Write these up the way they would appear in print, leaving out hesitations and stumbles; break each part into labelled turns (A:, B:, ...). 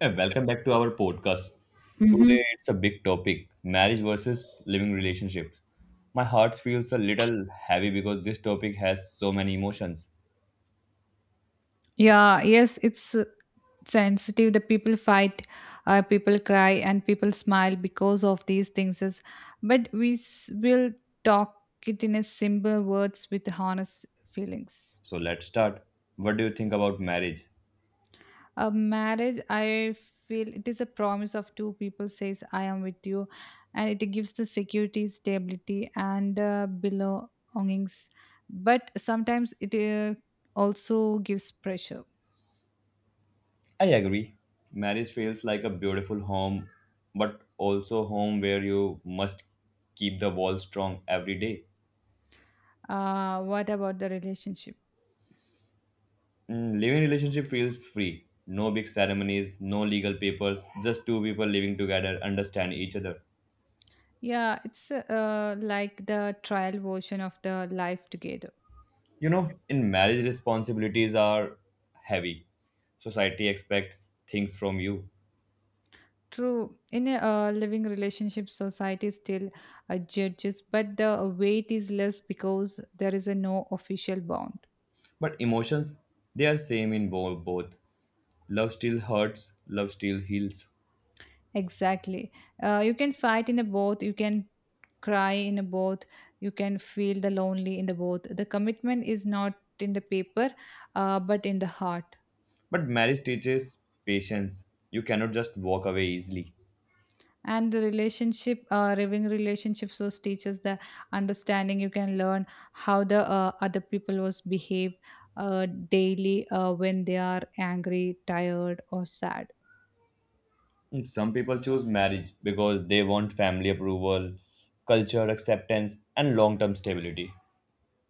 A: And welcome back to our podcast. Today
B: Mm-hmm.
A: it's a big topic marriage versus living relationships. My heart feels a little heavy because this topic has so many emotions.
B: Yeah, yes, it's sensitive. The people fight, people cry, and people smile because of these things. Is But we will talk it in a simple words with honest feelings.
A: So let's start. What do you think about marriage?
B: A marriage, I feel it is a promise of two people says, I am with you. And it gives the security, stability, and belongings. But sometimes it also gives pressure.
A: I agree. Marriage feels like a beautiful home, but also home where you must keep the walls strong every day.
B: What about the relationship?
A: Living relationship feels free. No big ceremonies, no legal papers, just two people living together, understand each other.
B: Yeah, it's like the trial version of the life together.
A: You know, in marriage, responsibilities are heavy. Society expects things from you,
B: True, in a living relationship, society still judges, but the weight is less because there is a no official bond.
A: but emotions, they are same in both. Love still hurts, love still heals.
B: Exactly. You can fight in a boat, you can cry in a boat, you can feel the lonely in the boat. The commitment is not in the paper, but in the heart.
A: But marriage teaches patience. You cannot just walk away easily.
B: And the relationship living relationships was teaches the understanding. You can learn how the other people was behave daily when they are angry, tired, or sad.
A: And Some people choose marriage because they want family approval, culture acceptance, and long term stability.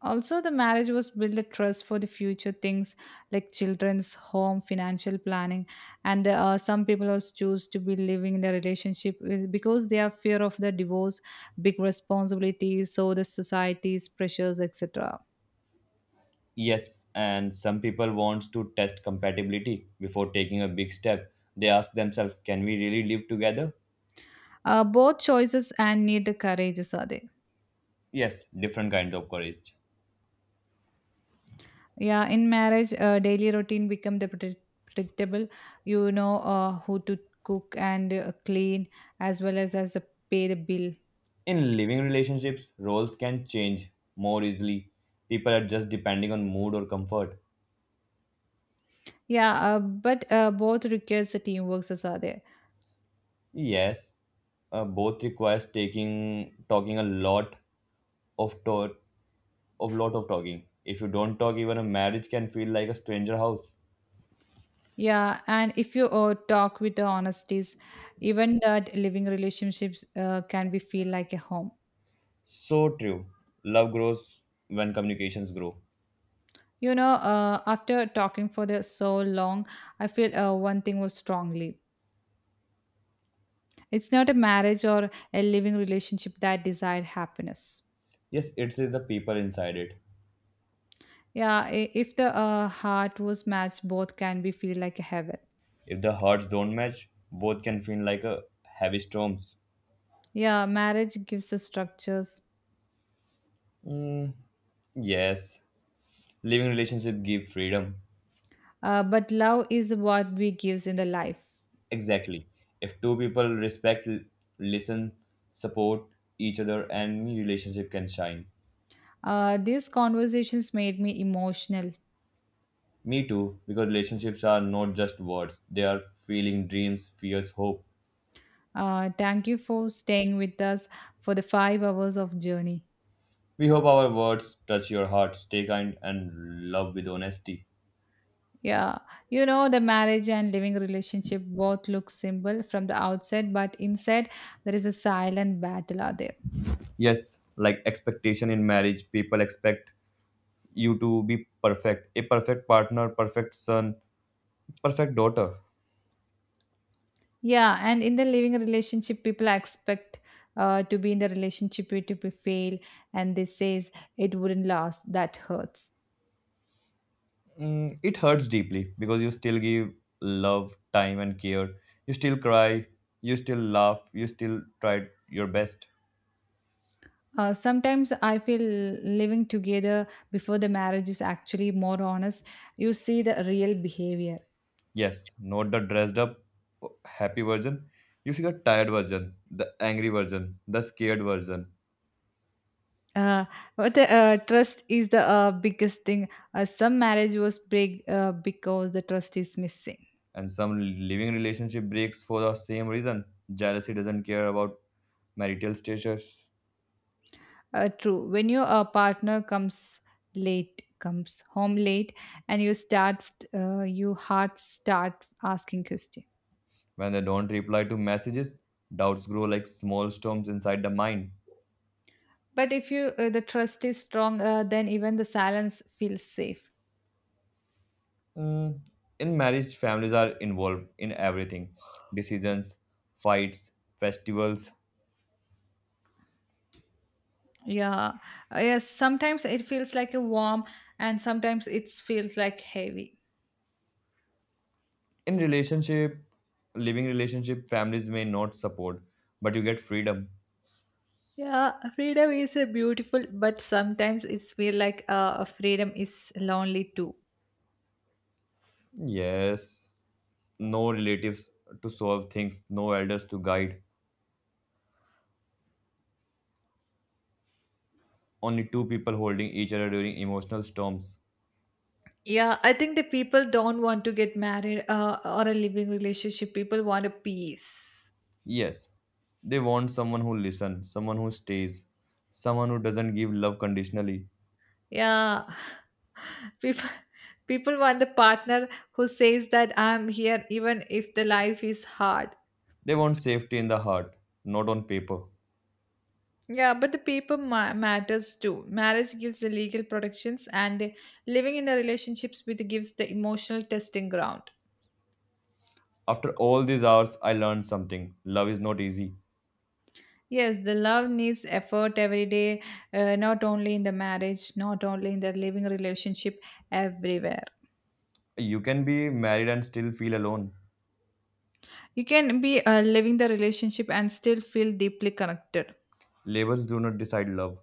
B: Also the marriage was build the trust for the future things like children's home, financial planning, and there some people also choose to be living in the relationship because they are fear of the divorce, big responsibilities, so the society's pressures, etc.
A: Yes, and some people want to test compatibility before taking a big step. They ask themselves, can we really live together?
B: Both choices and need the courages are there.
A: Yes, different kinds of courage.
B: Yeah, in marriage, daily routine become the predictable. You know who to cook and clean, as well as the pay the bill.
A: In living relationships, roles can change more easily. People adjust depending on mood or comfort.
B: Yeah, but both requires the teamwork as are there.
A: Yes, both requires taking talking a lot of of lot of talking. If you don't talk, even a marriage can feel like a stranger house.
B: Yeah, and if you talk with the honesties, even that living relationships can be feel like a home.
A: So true. Love grows when communications grow.
B: You know, after talking for the so long, I feel one thing was strongly. It's not a marriage or a living relationship that desire happiness.
A: Yes, it is the people inside it.
B: Yeah, if the heart was matched, both can be feel like a heaven.
A: If the hearts don't match, both can feel like a heavy storms.
B: Yeah, marriage gives the structures,
A: Mm, yes, living relationship give freedom.
B: but love is what we gives in the life.
A: Exactly. If two people respect, listen, support each other, any relationship can shine.
B: These conversations made me emotional.
A: Me too, because relationships are not just words; they are feeling, dreams, fears, hope.
B: Thank you for staying with us for the 5 hours of journey.
A: We hope our words touch your heart. Stay kind and love with honesty.
B: Yeah, you know the marriage and living relationship both look simple from the outside, but inside there is a silent battle out there.
A: Yes, like expectation in marriage, people expect you to be perfect, a perfect partner, perfect son, perfect daughter.
B: Yeah, and in the living relationship, people expect to be in the relationship to be fail, and they says it wouldn't last. That hurts.
A: Mm, it hurts deeply because you still give love, time, and care. You still cry. You still laugh. You still try your best.
B: Sometimes I feel living together before the marriage is actually more honest. You see the real behavior.
A: Yes, not the dressed up, happy version. You see the tired version, the angry version, the scared version.
B: Uh, but the trust is the biggest thing. Some marriage was big because the trust is missing.
A: And some living relationship breaks for the same reason. Jealousy doesn't care about marital status.
B: True. When your partner comes late, comes home late, and you start, you heart start asking questions.
A: When they don't reply to messages, doubts grow like small storms inside the mind.
B: But if you the trust is strong, then even the silence feels safe.
A: Mm, in marriage, families are involved in everything decisions, fights, festivals.
B: Yeah, yes. Sometimes it feels like a warm, and sometimes it feels like heavy.
A: In relationship, living relationship, families may not support, but you get freedom.
B: Yeah, freedom is a beautiful, but sometimes it's feel like freedom is lonely too.
A: Yes, no relatives to solve things, no elders to guide, only two people holding each other during emotional storms.
B: Yeah, I think the people don't want to get married or a living relationship. People want a peace.
A: Yes, they want someone who listens, someone who stays, someone who doesn't give love conditionally.
B: Yeah. People people want the partner who says that I'm here even if the life is hard.
A: They want safety in the heart, not on paper.
B: Yeah, but the people matters too. Marriage gives the legal protections and the living in the relationships with gives the emotional testing ground.
A: After all these hours, I learned something. Love is not easy.
B: Yes, the love needs effort every day, not only in the marriage, not only in the living relationship, everywhere.
A: You can be married and still feel alone.
B: You can be living the relationship and still feel deeply connected.
A: Labels do not decide love.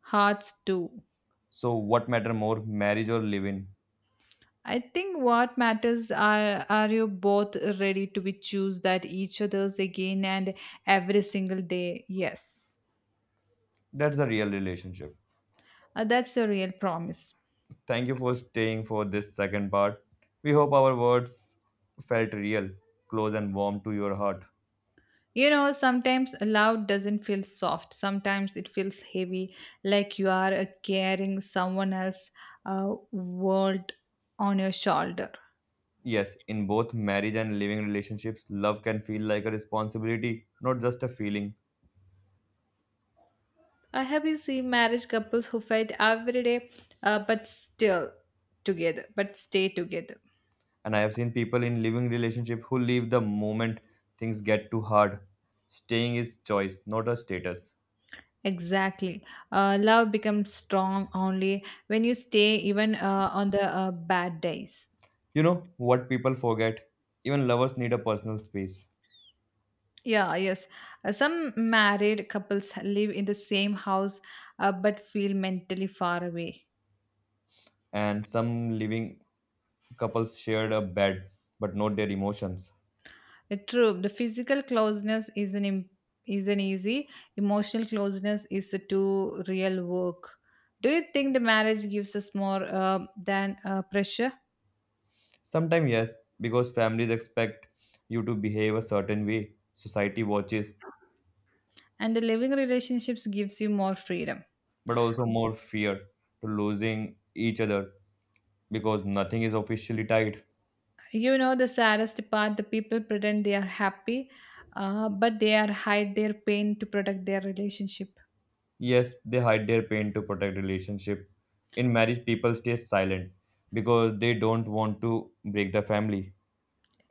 B: Hearts too.
A: So, what matter more, marriage or living?
B: I think what matters are you both ready to be choose that each other's again and every single day. Yes,
A: That's the real relationship.
B: that's a real promise.
A: Thank you for staying for this second part. We hope our words felt real, close, and warm to your heart.
B: You know, sometimes love doesn't feel soft. Sometimes it feels heavy, like you are carrying someone else's uh, world on your shoulder.
A: Yes, in both marriage and living relationships, love can feel like a responsibility, not just a feeling.
B: I have been seeing marriage couples who fight every day, but still together, but stay together.
A: And I have seen people in living relationship who leave the moment things get too hard. Staying is choice, not a status.
B: Exactly. Love becomes strong only when you stay, even on the bad days.
A: You know what people forget? Even lovers need a personal space.
B: Yeah, yes. Some married couples live in the same house, but feel mentally far away.
A: And some living couples shared a bed, but not their emotions.
B: It true. The physical closeness is is an easy. Emotional closeness is a too real work. Do you think the marriage gives us more than pressure,
A: Sometimes, yes, because families expect you to behave a certain way, society watches,
B: and the living relationships gives you more freedom?
A: but also more fear to losing each other because nothing is officially tied.
B: You know the saddest part: the people pretend they are happy, but they are hide their pain to protect their relationship.
A: Yes, they hide their pain to protect relationship. In marriage, people stay silent because they don't want to break the family.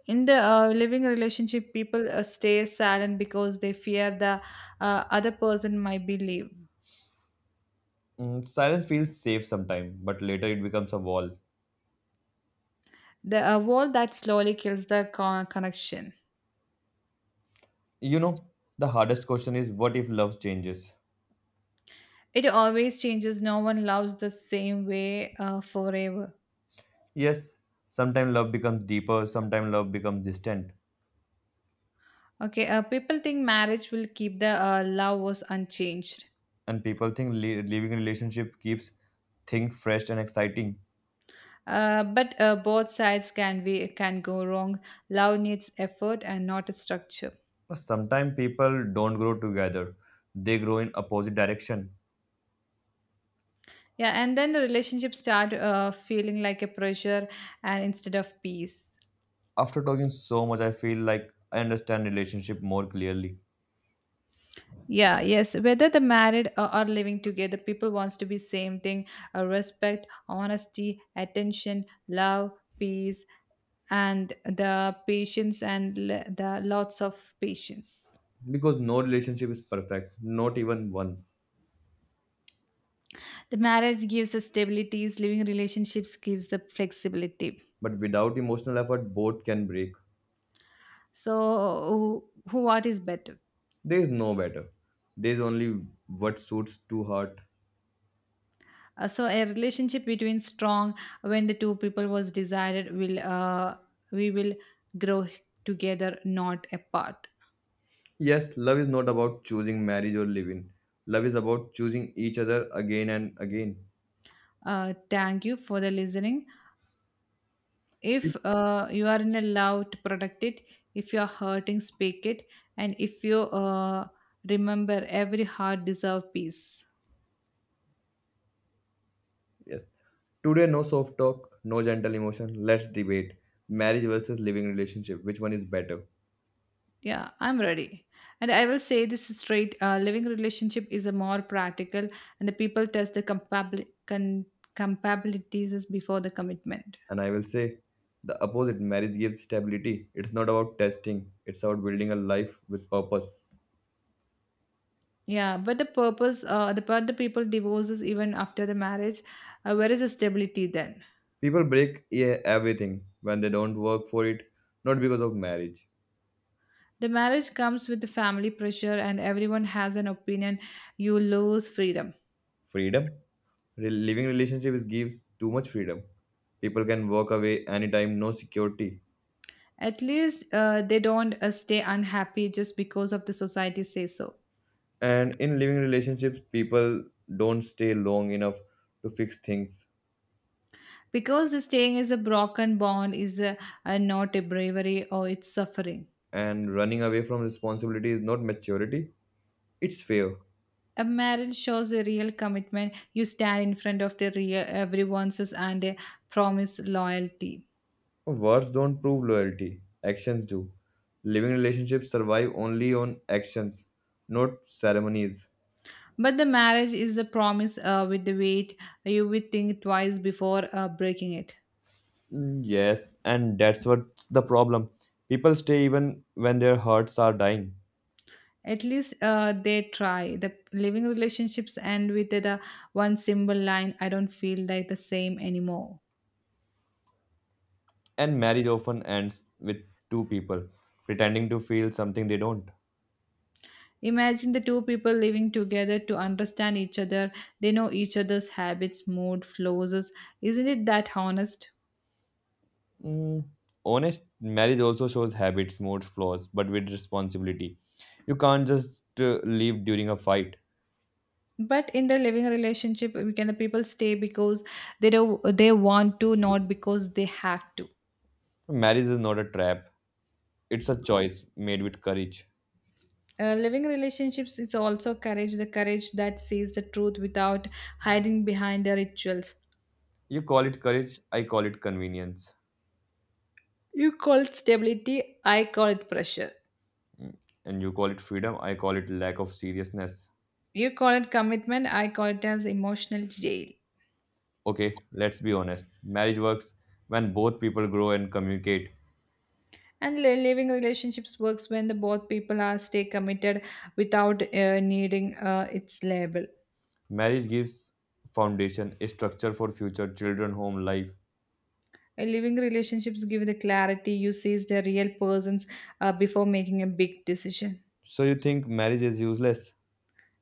B: In the living relationship, people stay silent because they fear the other person might believe.
A: Mm, silence feels safe sometimes, but later it becomes a wall.
B: The a wall that slowly kills the connection.
A: You know, the hardest question is what if love changes?
B: It always changes. No one loves the same way forever.
A: Yes, sometimes love becomes deeper, sometimes love becomes distant,
B: Okay, people think marriage will keep the love was unchanged.
A: and people think leaving a relationship keeps things fresh and exciting.
B: But both sides can go wrong. Love needs effort and not a structure.
A: But sometimes people don't grow together; they grow in opposite direction.
B: Yeah, and then the relationships start feeling like a pressure and instead of peace.
A: After talking so much, I feel like I understand relationship more clearly.
B: Yeah, yes. Whether the married or are living together, people wants to be same thing: respect, honesty, attention, love, peace, and the patience and the lots of patience.
A: Because no relationship is perfect, not even one.
B: The marriage gives us stabilities. Living relationships gives the flexibility.
A: But without emotional effort, both can break.
B: So, what is better?
A: There is no better. There is only what suits to heart.
B: So, a relationship between strong when the two people was desired will we will grow together, not apart.
A: Yes, love is not about choosing marriage or living. Love is about choosing each other again and again.
B: Thank you for the listening.
A: Yes.
B: If you are in a love to protect it, if you are hurting, speak it, and if you remember, every heart deserves peace.
A: Yes. Today, no soft talk, no gentle emotion. Let's debate marriage versus living relationship. Which one is better?
B: Yeah, I'm ready. And I will say this straight: living relationship is a more practical, and the people test the compatibilities before the commitment.
A: And I will say the opposite marriage gives stability. It's not about testing, it's about building a life with purpose.
B: Yeah, but the purpose, the part the people divorces even after the marriage, where is the stability then?
A: People break yeah, everything when they don't work for it, not because of marriage.
B: The marriage comes with the family pressure, and everyone has an opinion. You lose freedom.
A: Freedom? Living relationship is, gives too much freedom. People can walk away anytime, no security.
B: At least they don't stay unhappy just because of the society says so.
A: And in living relationships, people don't stay long enough to fix things.
B: Because staying is a broken bond a not a bravery or it's suffering.
A: And running away from responsibility is not maturity, it's fear.
B: A marriage shows a real commitment. You stand in front of the real everyone's and a promise loyalty.
A: Words don't prove loyalty, actions do. Living relationships survive only on actions, not ceremonies.
B: But the marriage is a promise with the weight. You will think twice before breaking it.
A: Mm, yes, and that's what's the problem. People stay even when their hearts are dying.
B: At least they try. The living relationships end with the one simple line: I don't feel like the same anymore.
A: And marriage often ends with two people pretending to feel something they don't.
B: Imagine the two people living together to understand each other. They know each other's habits, mood, flows. Isn't it that honest?
A: Mm, honest marriage also shows habits, moods, flaws, but with responsibility. You can't just leave during a fight.
B: But in the living relationship, we can the people stay because they want to, not because they have to.
A: Marriage is not a trap, it's a choice made with courage.
B: Living relationships, it's also courage, the courage that sees the truth without hiding behind the rituals.
A: You call it courage, I call it convenience.
B: You call it stability, I call it pressure.
A: And you call it freedom, I call it lack of seriousness.
B: You call it commitment, I call it as emotional jail.
A: Okay, let's be honest. Marriage works when both people grow and communicate.
B: And living relationships works when the both people are stay committed without needing its label.
A: Marriage gives foundation, a structure for future children, home, life.
B: A living relationships give the clarity, you sees the real persons before making a big decision.
A: So you think marriage is useless?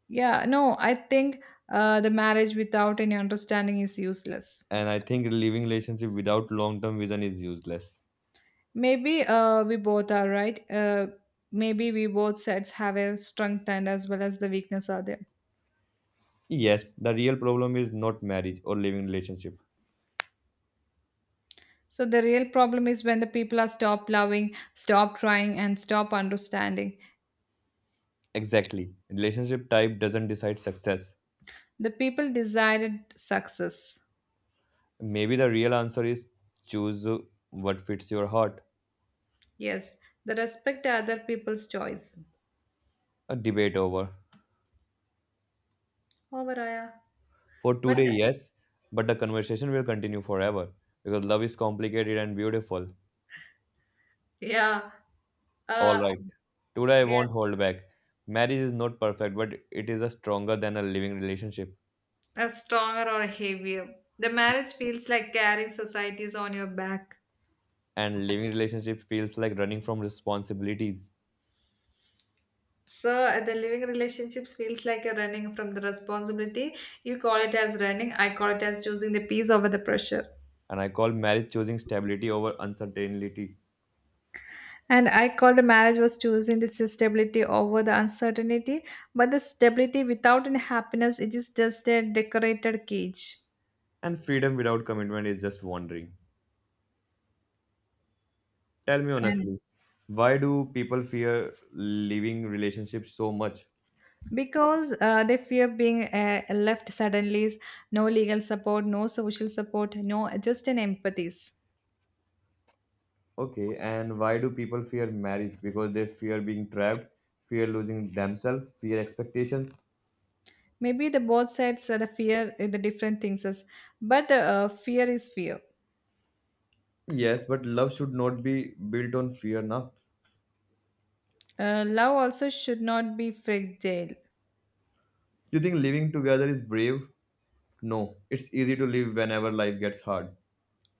B: Yeah, no, I think the marriage without any understanding is useless.
A: And I think living relationship without long-term vision is useless.
B: Maybe we both are right. Maybe we both sets have a strength and as well as the weakness are there.
A: Yes, the real problem is not marriage or living relationship.
B: So the real problem is when the people are stop loving, stop trying, and stop understanding.
A: Exactly. Relationship type doesn't decide success.
B: The people desired success.
A: Maybe the real answer is choose what fits your heart.
B: Yes, the respect other people's choice.
A: A debate over.
B: Over, Aya.
A: For
B: But
A: today,
B: the-
A: yes, but the conversation will continue forever because love is complicated and beautiful.
B: yeah,
A: All
B: uh,
A: right. Today I
B: yeah,
A: won't hold back. Marriage is not perfect, but it is a stronger than a living relationship.
B: a stronger or heavier. The marriage feels like carrying societies on your back.
A: And living relationship feels like running from responsibilities.
B: So the living relationships feels like you're running from the responsibility. You call it as running. I call it as choosing the peace over the pressure.
A: And I call marriage choosing stability over uncertainty.
B: And I call the marriage was choosing the stability over the uncertainty. But the stability without any happiness, it is just a decorated cage.
A: And freedom without commitment is just wandering. Tell me
B: And
A: honestly, why do people fear leaving relationships so much?
B: because they fear being left suddenly, no legal support, no social support, no just an empathies.
A: Okay, and why do people fear marriage? Because they fear being trapped, fear losing themselves, fear expectations.
B: Maybe the both sides are the fear, the different things is, but fear is fear.
A: Yes, but love should not be built on fear now.
B: Love also should not be fragile.
A: You think living together is brave? No, it's easy to live whenever life gets hard.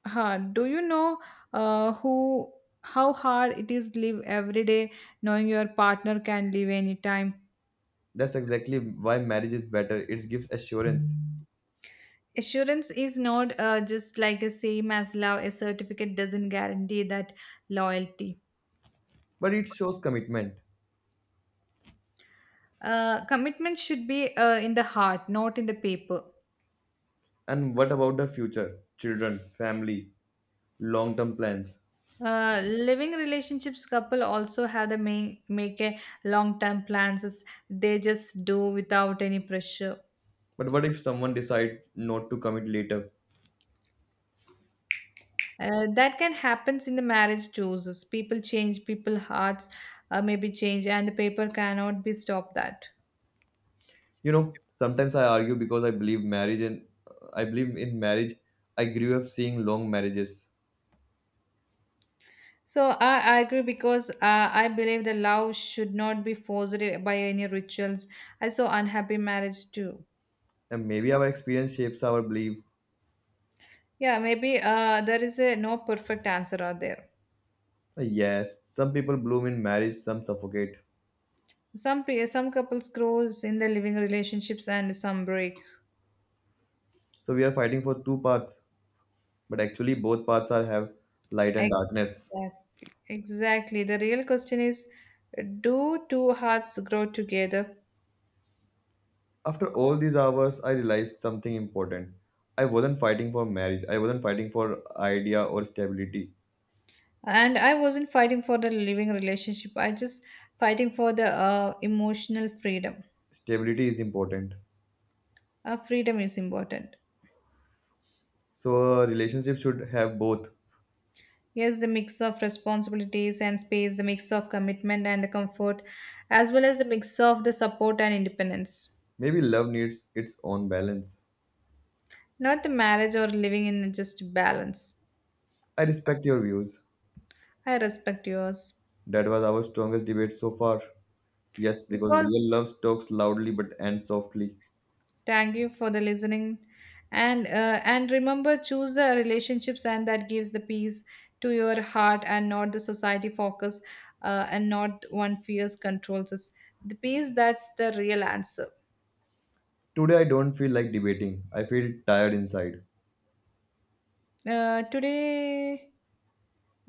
B: Huh. Do you know who how hard it is live every day knowing your partner can leave anytime?
A: That's exactly why marriage is better. It gives assurance,
B: Assurance is not just like a same as love. A certificate doesn't guarantee that loyalty.
A: but it shows commitment.
B: Commitment should be in the heart, not in the paper.
A: And what about the future? Children, family, long term plans.
B: Living relationships couple also have the make a long-term plans as they just do without any pressure.
A: But what if someone decide not to commit later?
B: That can happens in the marriage too. So people change, people hearts maybe change, and the paper cannot be stopped that.
A: You know, sometimes I argue because I believe marriage and I believe in marriage. I grew up seeing long marriages,
B: So I agree because I believe the love should not be forced by any rituals. I saw unhappy marriage too.
A: and maybe our experience shapes our belief.
B: Yeah, maybe there is a no perfect answer out there.
A: Yes, some people bloom in marriage, some suffocate.
B: Some some couples grows in the living relationships and some break.
A: So we are fighting for two paths, but actually both paths are have light and darkness.
B: Exactly. Exactly. The real question is, do two hearts grow together?
A: After all these hours, I realized something important. I wasn't fighting for marriage. I wasn't fighting for idea or stability.
B: And I wasn't fighting for the living relationship, I just fighting for the emotional freedom.
A: Stability is important.
B: Freedom is important.
A: So a relationship should have both.
B: Yes, the mix of responsibilities and space, the mix of commitment and the comfort, as well as the mix of the support and independence.
A: Maybe love needs its own balance.
B: Not the marriage or living in, just balance.
A: I respect your views.
B: I respect yours.
A: That was our strongest debate so far. Yes, because
B: Because
A: real love talks loudly but ends softly.
B: thank you for the listening, and remember, choose the relationships and that gives the peace to your heart, and not the society focus, and not one fears controls us. The peace, that's the real answer.
A: Today I don't feel like debating. I feel tired inside.
B: Today,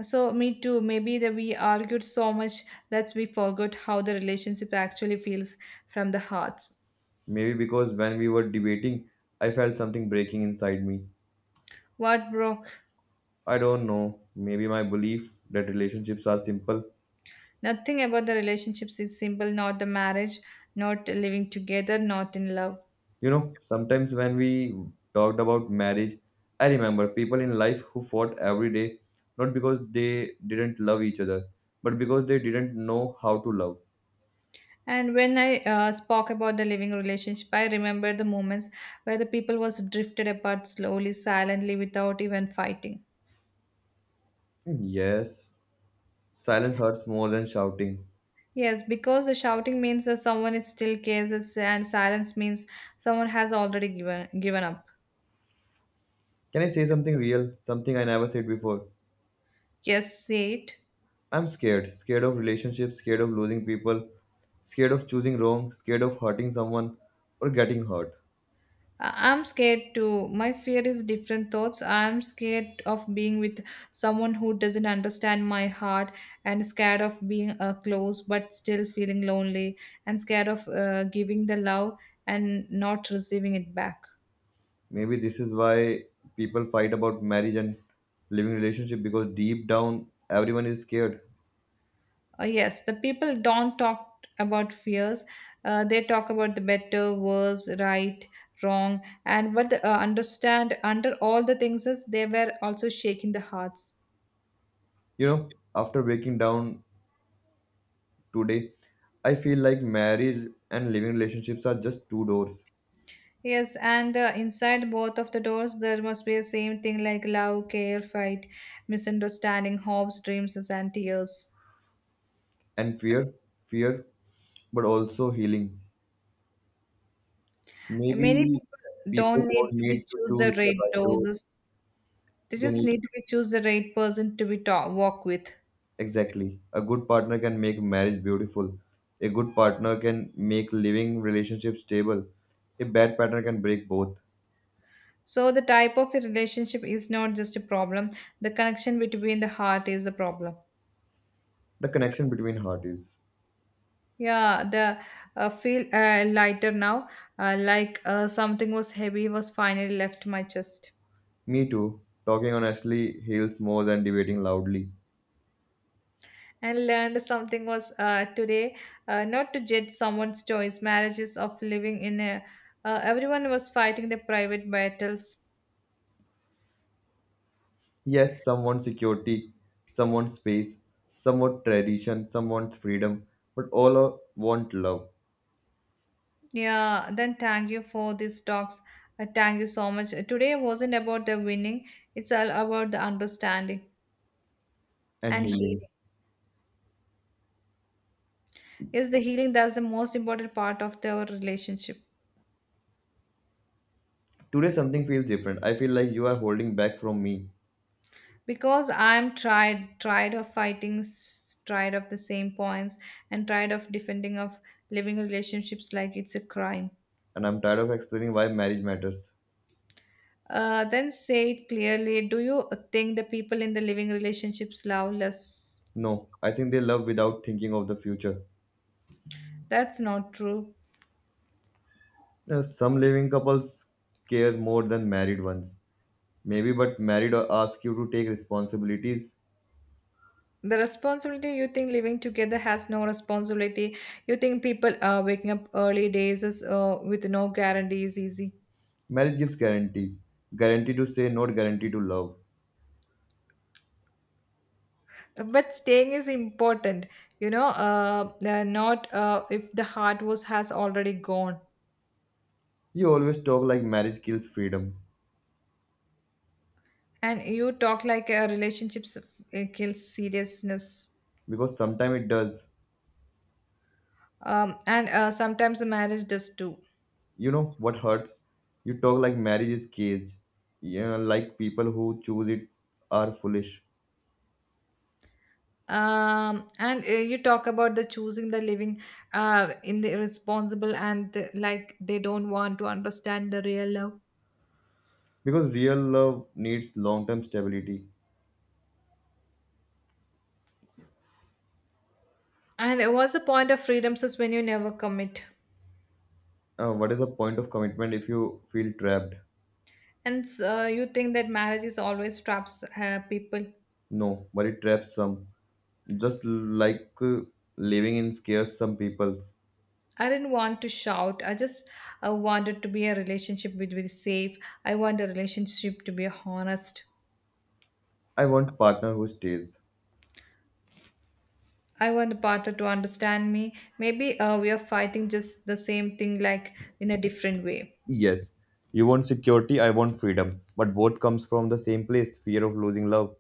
B: so me too. Maybe that we argued so much that we forgot how the relationship actually feels from the hearts.
A: Maybe because when we were debating, I felt something breaking inside me.
B: What broke?
A: I don't know. Maybe my belief that relationships are simple.
B: Nothing about the relationships is simple. Not the marriage, not living together, not in love.
A: You know, sometimes when we talked about marriage, I remember people in life who fought every day, not because they didn't love each other, but because they didn't know how to love.
B: And when I spoke about the living relationship, I remember the moments where the people was drifted apart slowly, silently, without even fighting.
A: Yes, silence hurts more than shouting.
B: Yes, because the shouting means that someone is still cares, and silence means someone has already given up.
A: Can I say something real? Something I never said before.
B: Yes, see it.
A: I'm scared. Scared of relationships, scared of losing people, scared of choosing wrong, scared of hurting someone or getting hurt.
B: I'm scared too. My fear is different thoughts. I'm scared of being with someone who doesn't understand my heart, and scared of being close but still feeling lonely, and scared of giving the love and not receiving it back.
A: Maybe this is why people fight about marriage and living relationship because deep down everyone is scared.
B: Yes, the people don't talk about fears. They talk about the better, worse, right, wrong, and but understand under all the things is they were also shaking the hearts.
A: You know, after breaking down today, I feel like marriage and living relationships are just two doors
B: Yes, and inside both of the doors, there must be the same thing like love, care, fight, misunderstanding, hopes, dreams, and tears.
A: and fear, fear, but also healing.
B: And many
A: Maybe
B: people
A: people
B: don't
A: don't
B: need to be
A: need to
B: choose
A: choose
B: the
A: the
B: right
A: right door.
B: doses. They
A: They
B: just
A: need
B: need to be choose the right person to be talk, walk with.
A: exactly. A good partner can make marriage beautiful. A good partner can make living relationships stable. A bad partner can break both.
B: So the type of a relationship is not just a problem. The connection between the heart is a problem.
A: The connection between heart is.
B: Yeah, the feel lighter now, like something was heavy was finally left my chest.
A: Me too. Talking honestly heals more than debating loudly.
B: And learned something was today, not to judge someone's choice marriages of living in a, everyone was fighting their private battles.
A: Yes, some want security, some want space, some want tradition, some want freedom, but want love
B: Yeah, then thank you for these talks. Thank you so much. Today wasn't about the winning, it's all about the understanding
A: and
B: and
A: healing.
B: healing. Yes, the healing, that's the most important part of their relationship.
A: Today something feels different. I feel like you are holding back from me,
B: Because I'm tried tired of fighting, tired of the same points, and tired of defending of living relationships like it's a crime.
A: and I'm tired of explaining why marriage matters.
B: Then say it clearly. Do you think the people in the living relationships love less?
A: No, I think they love without thinking of the future.
B: That's not true.
A: Some living couples care more than married ones. Maybe, but married ask you to take responsibilities.
B: The responsibility, you think living together has no responsibility. You think people waking up early days is, with no guarantee is easy.
A: Marriage gives guarantee. Guarantee to say, not guarantee to love.
B: But staying is important. You know, not if the heart was has already gone.
A: You always talk like marriage kills freedom.
B: And you talk like a relationships kills seriousness.
A: Because sometimes it does.
B: And Sometimes a marriage does too.
A: You know what hurts? You talk like marriage is caged. Yeah, like people who choose it are foolish.
B: And You talk about the choosing the living in the irresponsible and the, like they don't want to understand the real love.
A: Because real love needs long term stability.
B: And what's the point of freedom is when you never commit?
A: What is the point of commitment if you feel trapped?
B: And You think that marriage is always traps people.
A: No, but it traps some. Just like living in scares some people.
B: I didn't want to shout, I just wanted to be a relationship which will be safe. I want a relationship to be honest.
A: I want partner who stays.
B: I want the partner to understand me. Maybe we are fighting just the same thing, like in a different way.
A: Yes, you want security, I want freedom. But both comes from the same place fear of losing love.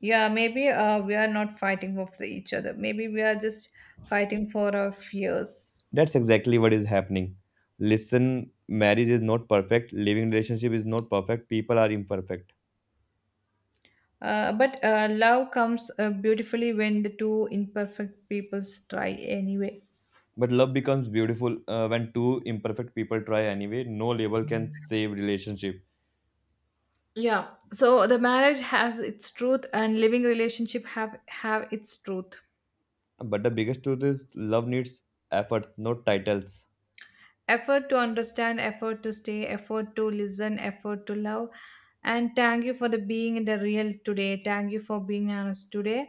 B: Yeah, maybe we are not fighting for each other. Maybe we are just fighting for our fears.
A: That's exactly what is happening. Listen, marriage is not perfect, living relationship is not perfect, people are imperfect.
B: But Love comes beautifully when the two imperfect peoples try anyway.
A: But love becomes beautiful when two imperfect people try anyway. No label can save relationship.
B: Yeah. So the marriage has its truth, and living relationship have its truth.
A: But the biggest truth is love needs effort, not titles.
B: Effort to understand, effort to stay, effort to listen, effort to love. And thank you for the being in the real today. Thank you for being honest today.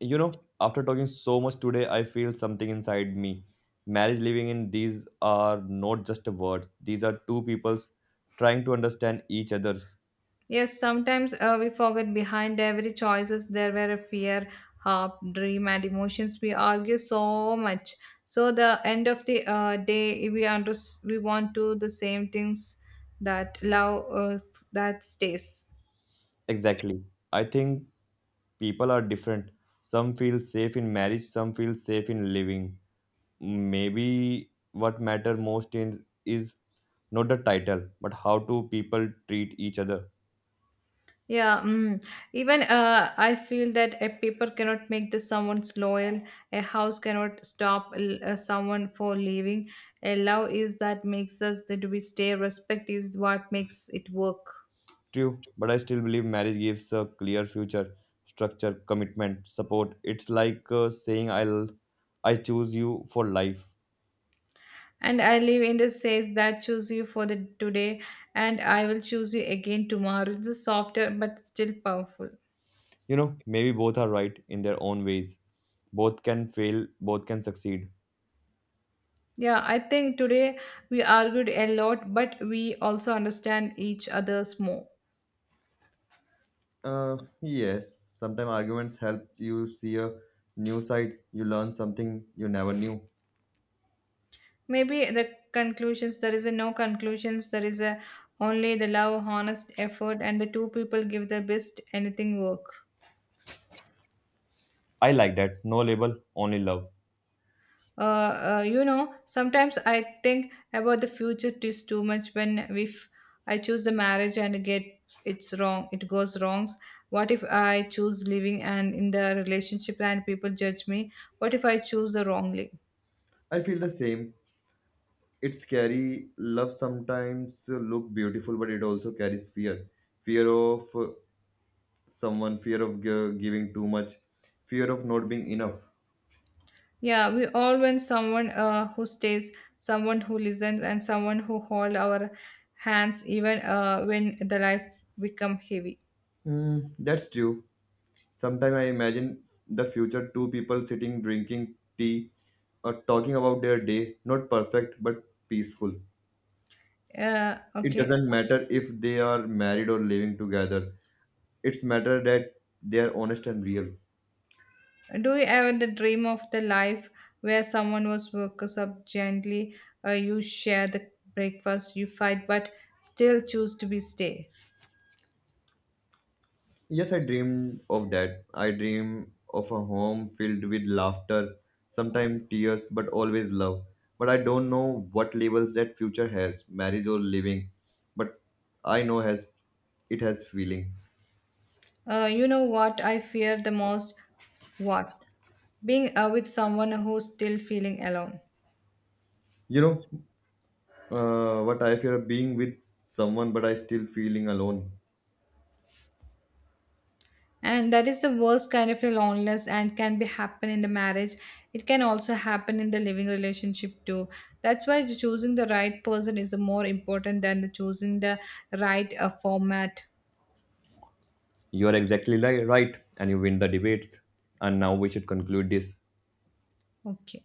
A: You know, after talking so much today, I feel something inside me. Marriage living in these are not just words, these are two peoples trying to understand each other's.
B: Yes, sometimes we forget behind every choices there were a fear, hope, dream, and emotions. We argue so much. So the end of the day, we under, we want to the same things, that love that stays.
A: Exactly. I think people are different. Some feel safe in marriage, some feel safe in living. Maybe what matter most in is not the title, but how two people treat each other.
B: Yeah, mm. Even I feel that a paper cannot make the someone's loyal. A house cannot stop someone for leaving. A love is that makes us that we stay. Respect is what makes it work.
A: True, but I still believe marriage gives a clear future, structure, commitment, support. It's like saying I choose you for life.
B: And I live in the says that choose you for the today, and I will choose you again tomorrow. It's a softer but still powerful.
A: You know, maybe both are right in their own ways. Both can fail, both can succeed.
B: Yeah, I think today we argued a lot, but we also understand each other's more.
A: Yes, sometimes arguments help you see a new side, you learn something you never knew.
B: Maybe the conclusions, there is a no conclusions, there is a only the love, honest effort, and the two people give their best anything work.
A: I like that. No label, only love.
B: You know, sometimes I think about the future is too much. When if I choose the marriage and get, it's wrong, it goes wrongs. What if I choose living and in the relationship and people judge me? What if I choose the wrongly?
A: I feel the same. It's scary. Love sometimes look beautiful, but it also carries fear. Fear of someone, fear of giving too much, fear of not being enough.
B: Yeah, we all want someone who stays, someone who listens, and someone who hold our hands even when the life become heavy.
A: Mm, that's true. Sometimes I imagine the future two people sitting drinking tea or talking about their day, not perfect but peaceful. It
B: Okay.
A: doesn't matter if they are married or living together. It's matter that they are honest and real.
B: Do you ever the dream of the life where someone was woken up gently? You share the breakfast, you fight, but still choose to be stay.
A: Yes, I dreamed of that. I dream of a home filled with laughter, sometimes tears, but always love. But I don't know what labels that future has, marriage or living. But I know has it has feeling.
B: You know what I fear the most? What? Being with someone who's still feeling alone.
A: You know, what I fear being with someone, but I still feeling alone.
B: And that is the worst kind of a loneliness and can be happen in the marriage. It can also happen in the living relationship too. That's why choosing the right person is more important than the choosing the right format.
A: You are exactly right, and you win the debates. And now we should conclude this.
B: Okay.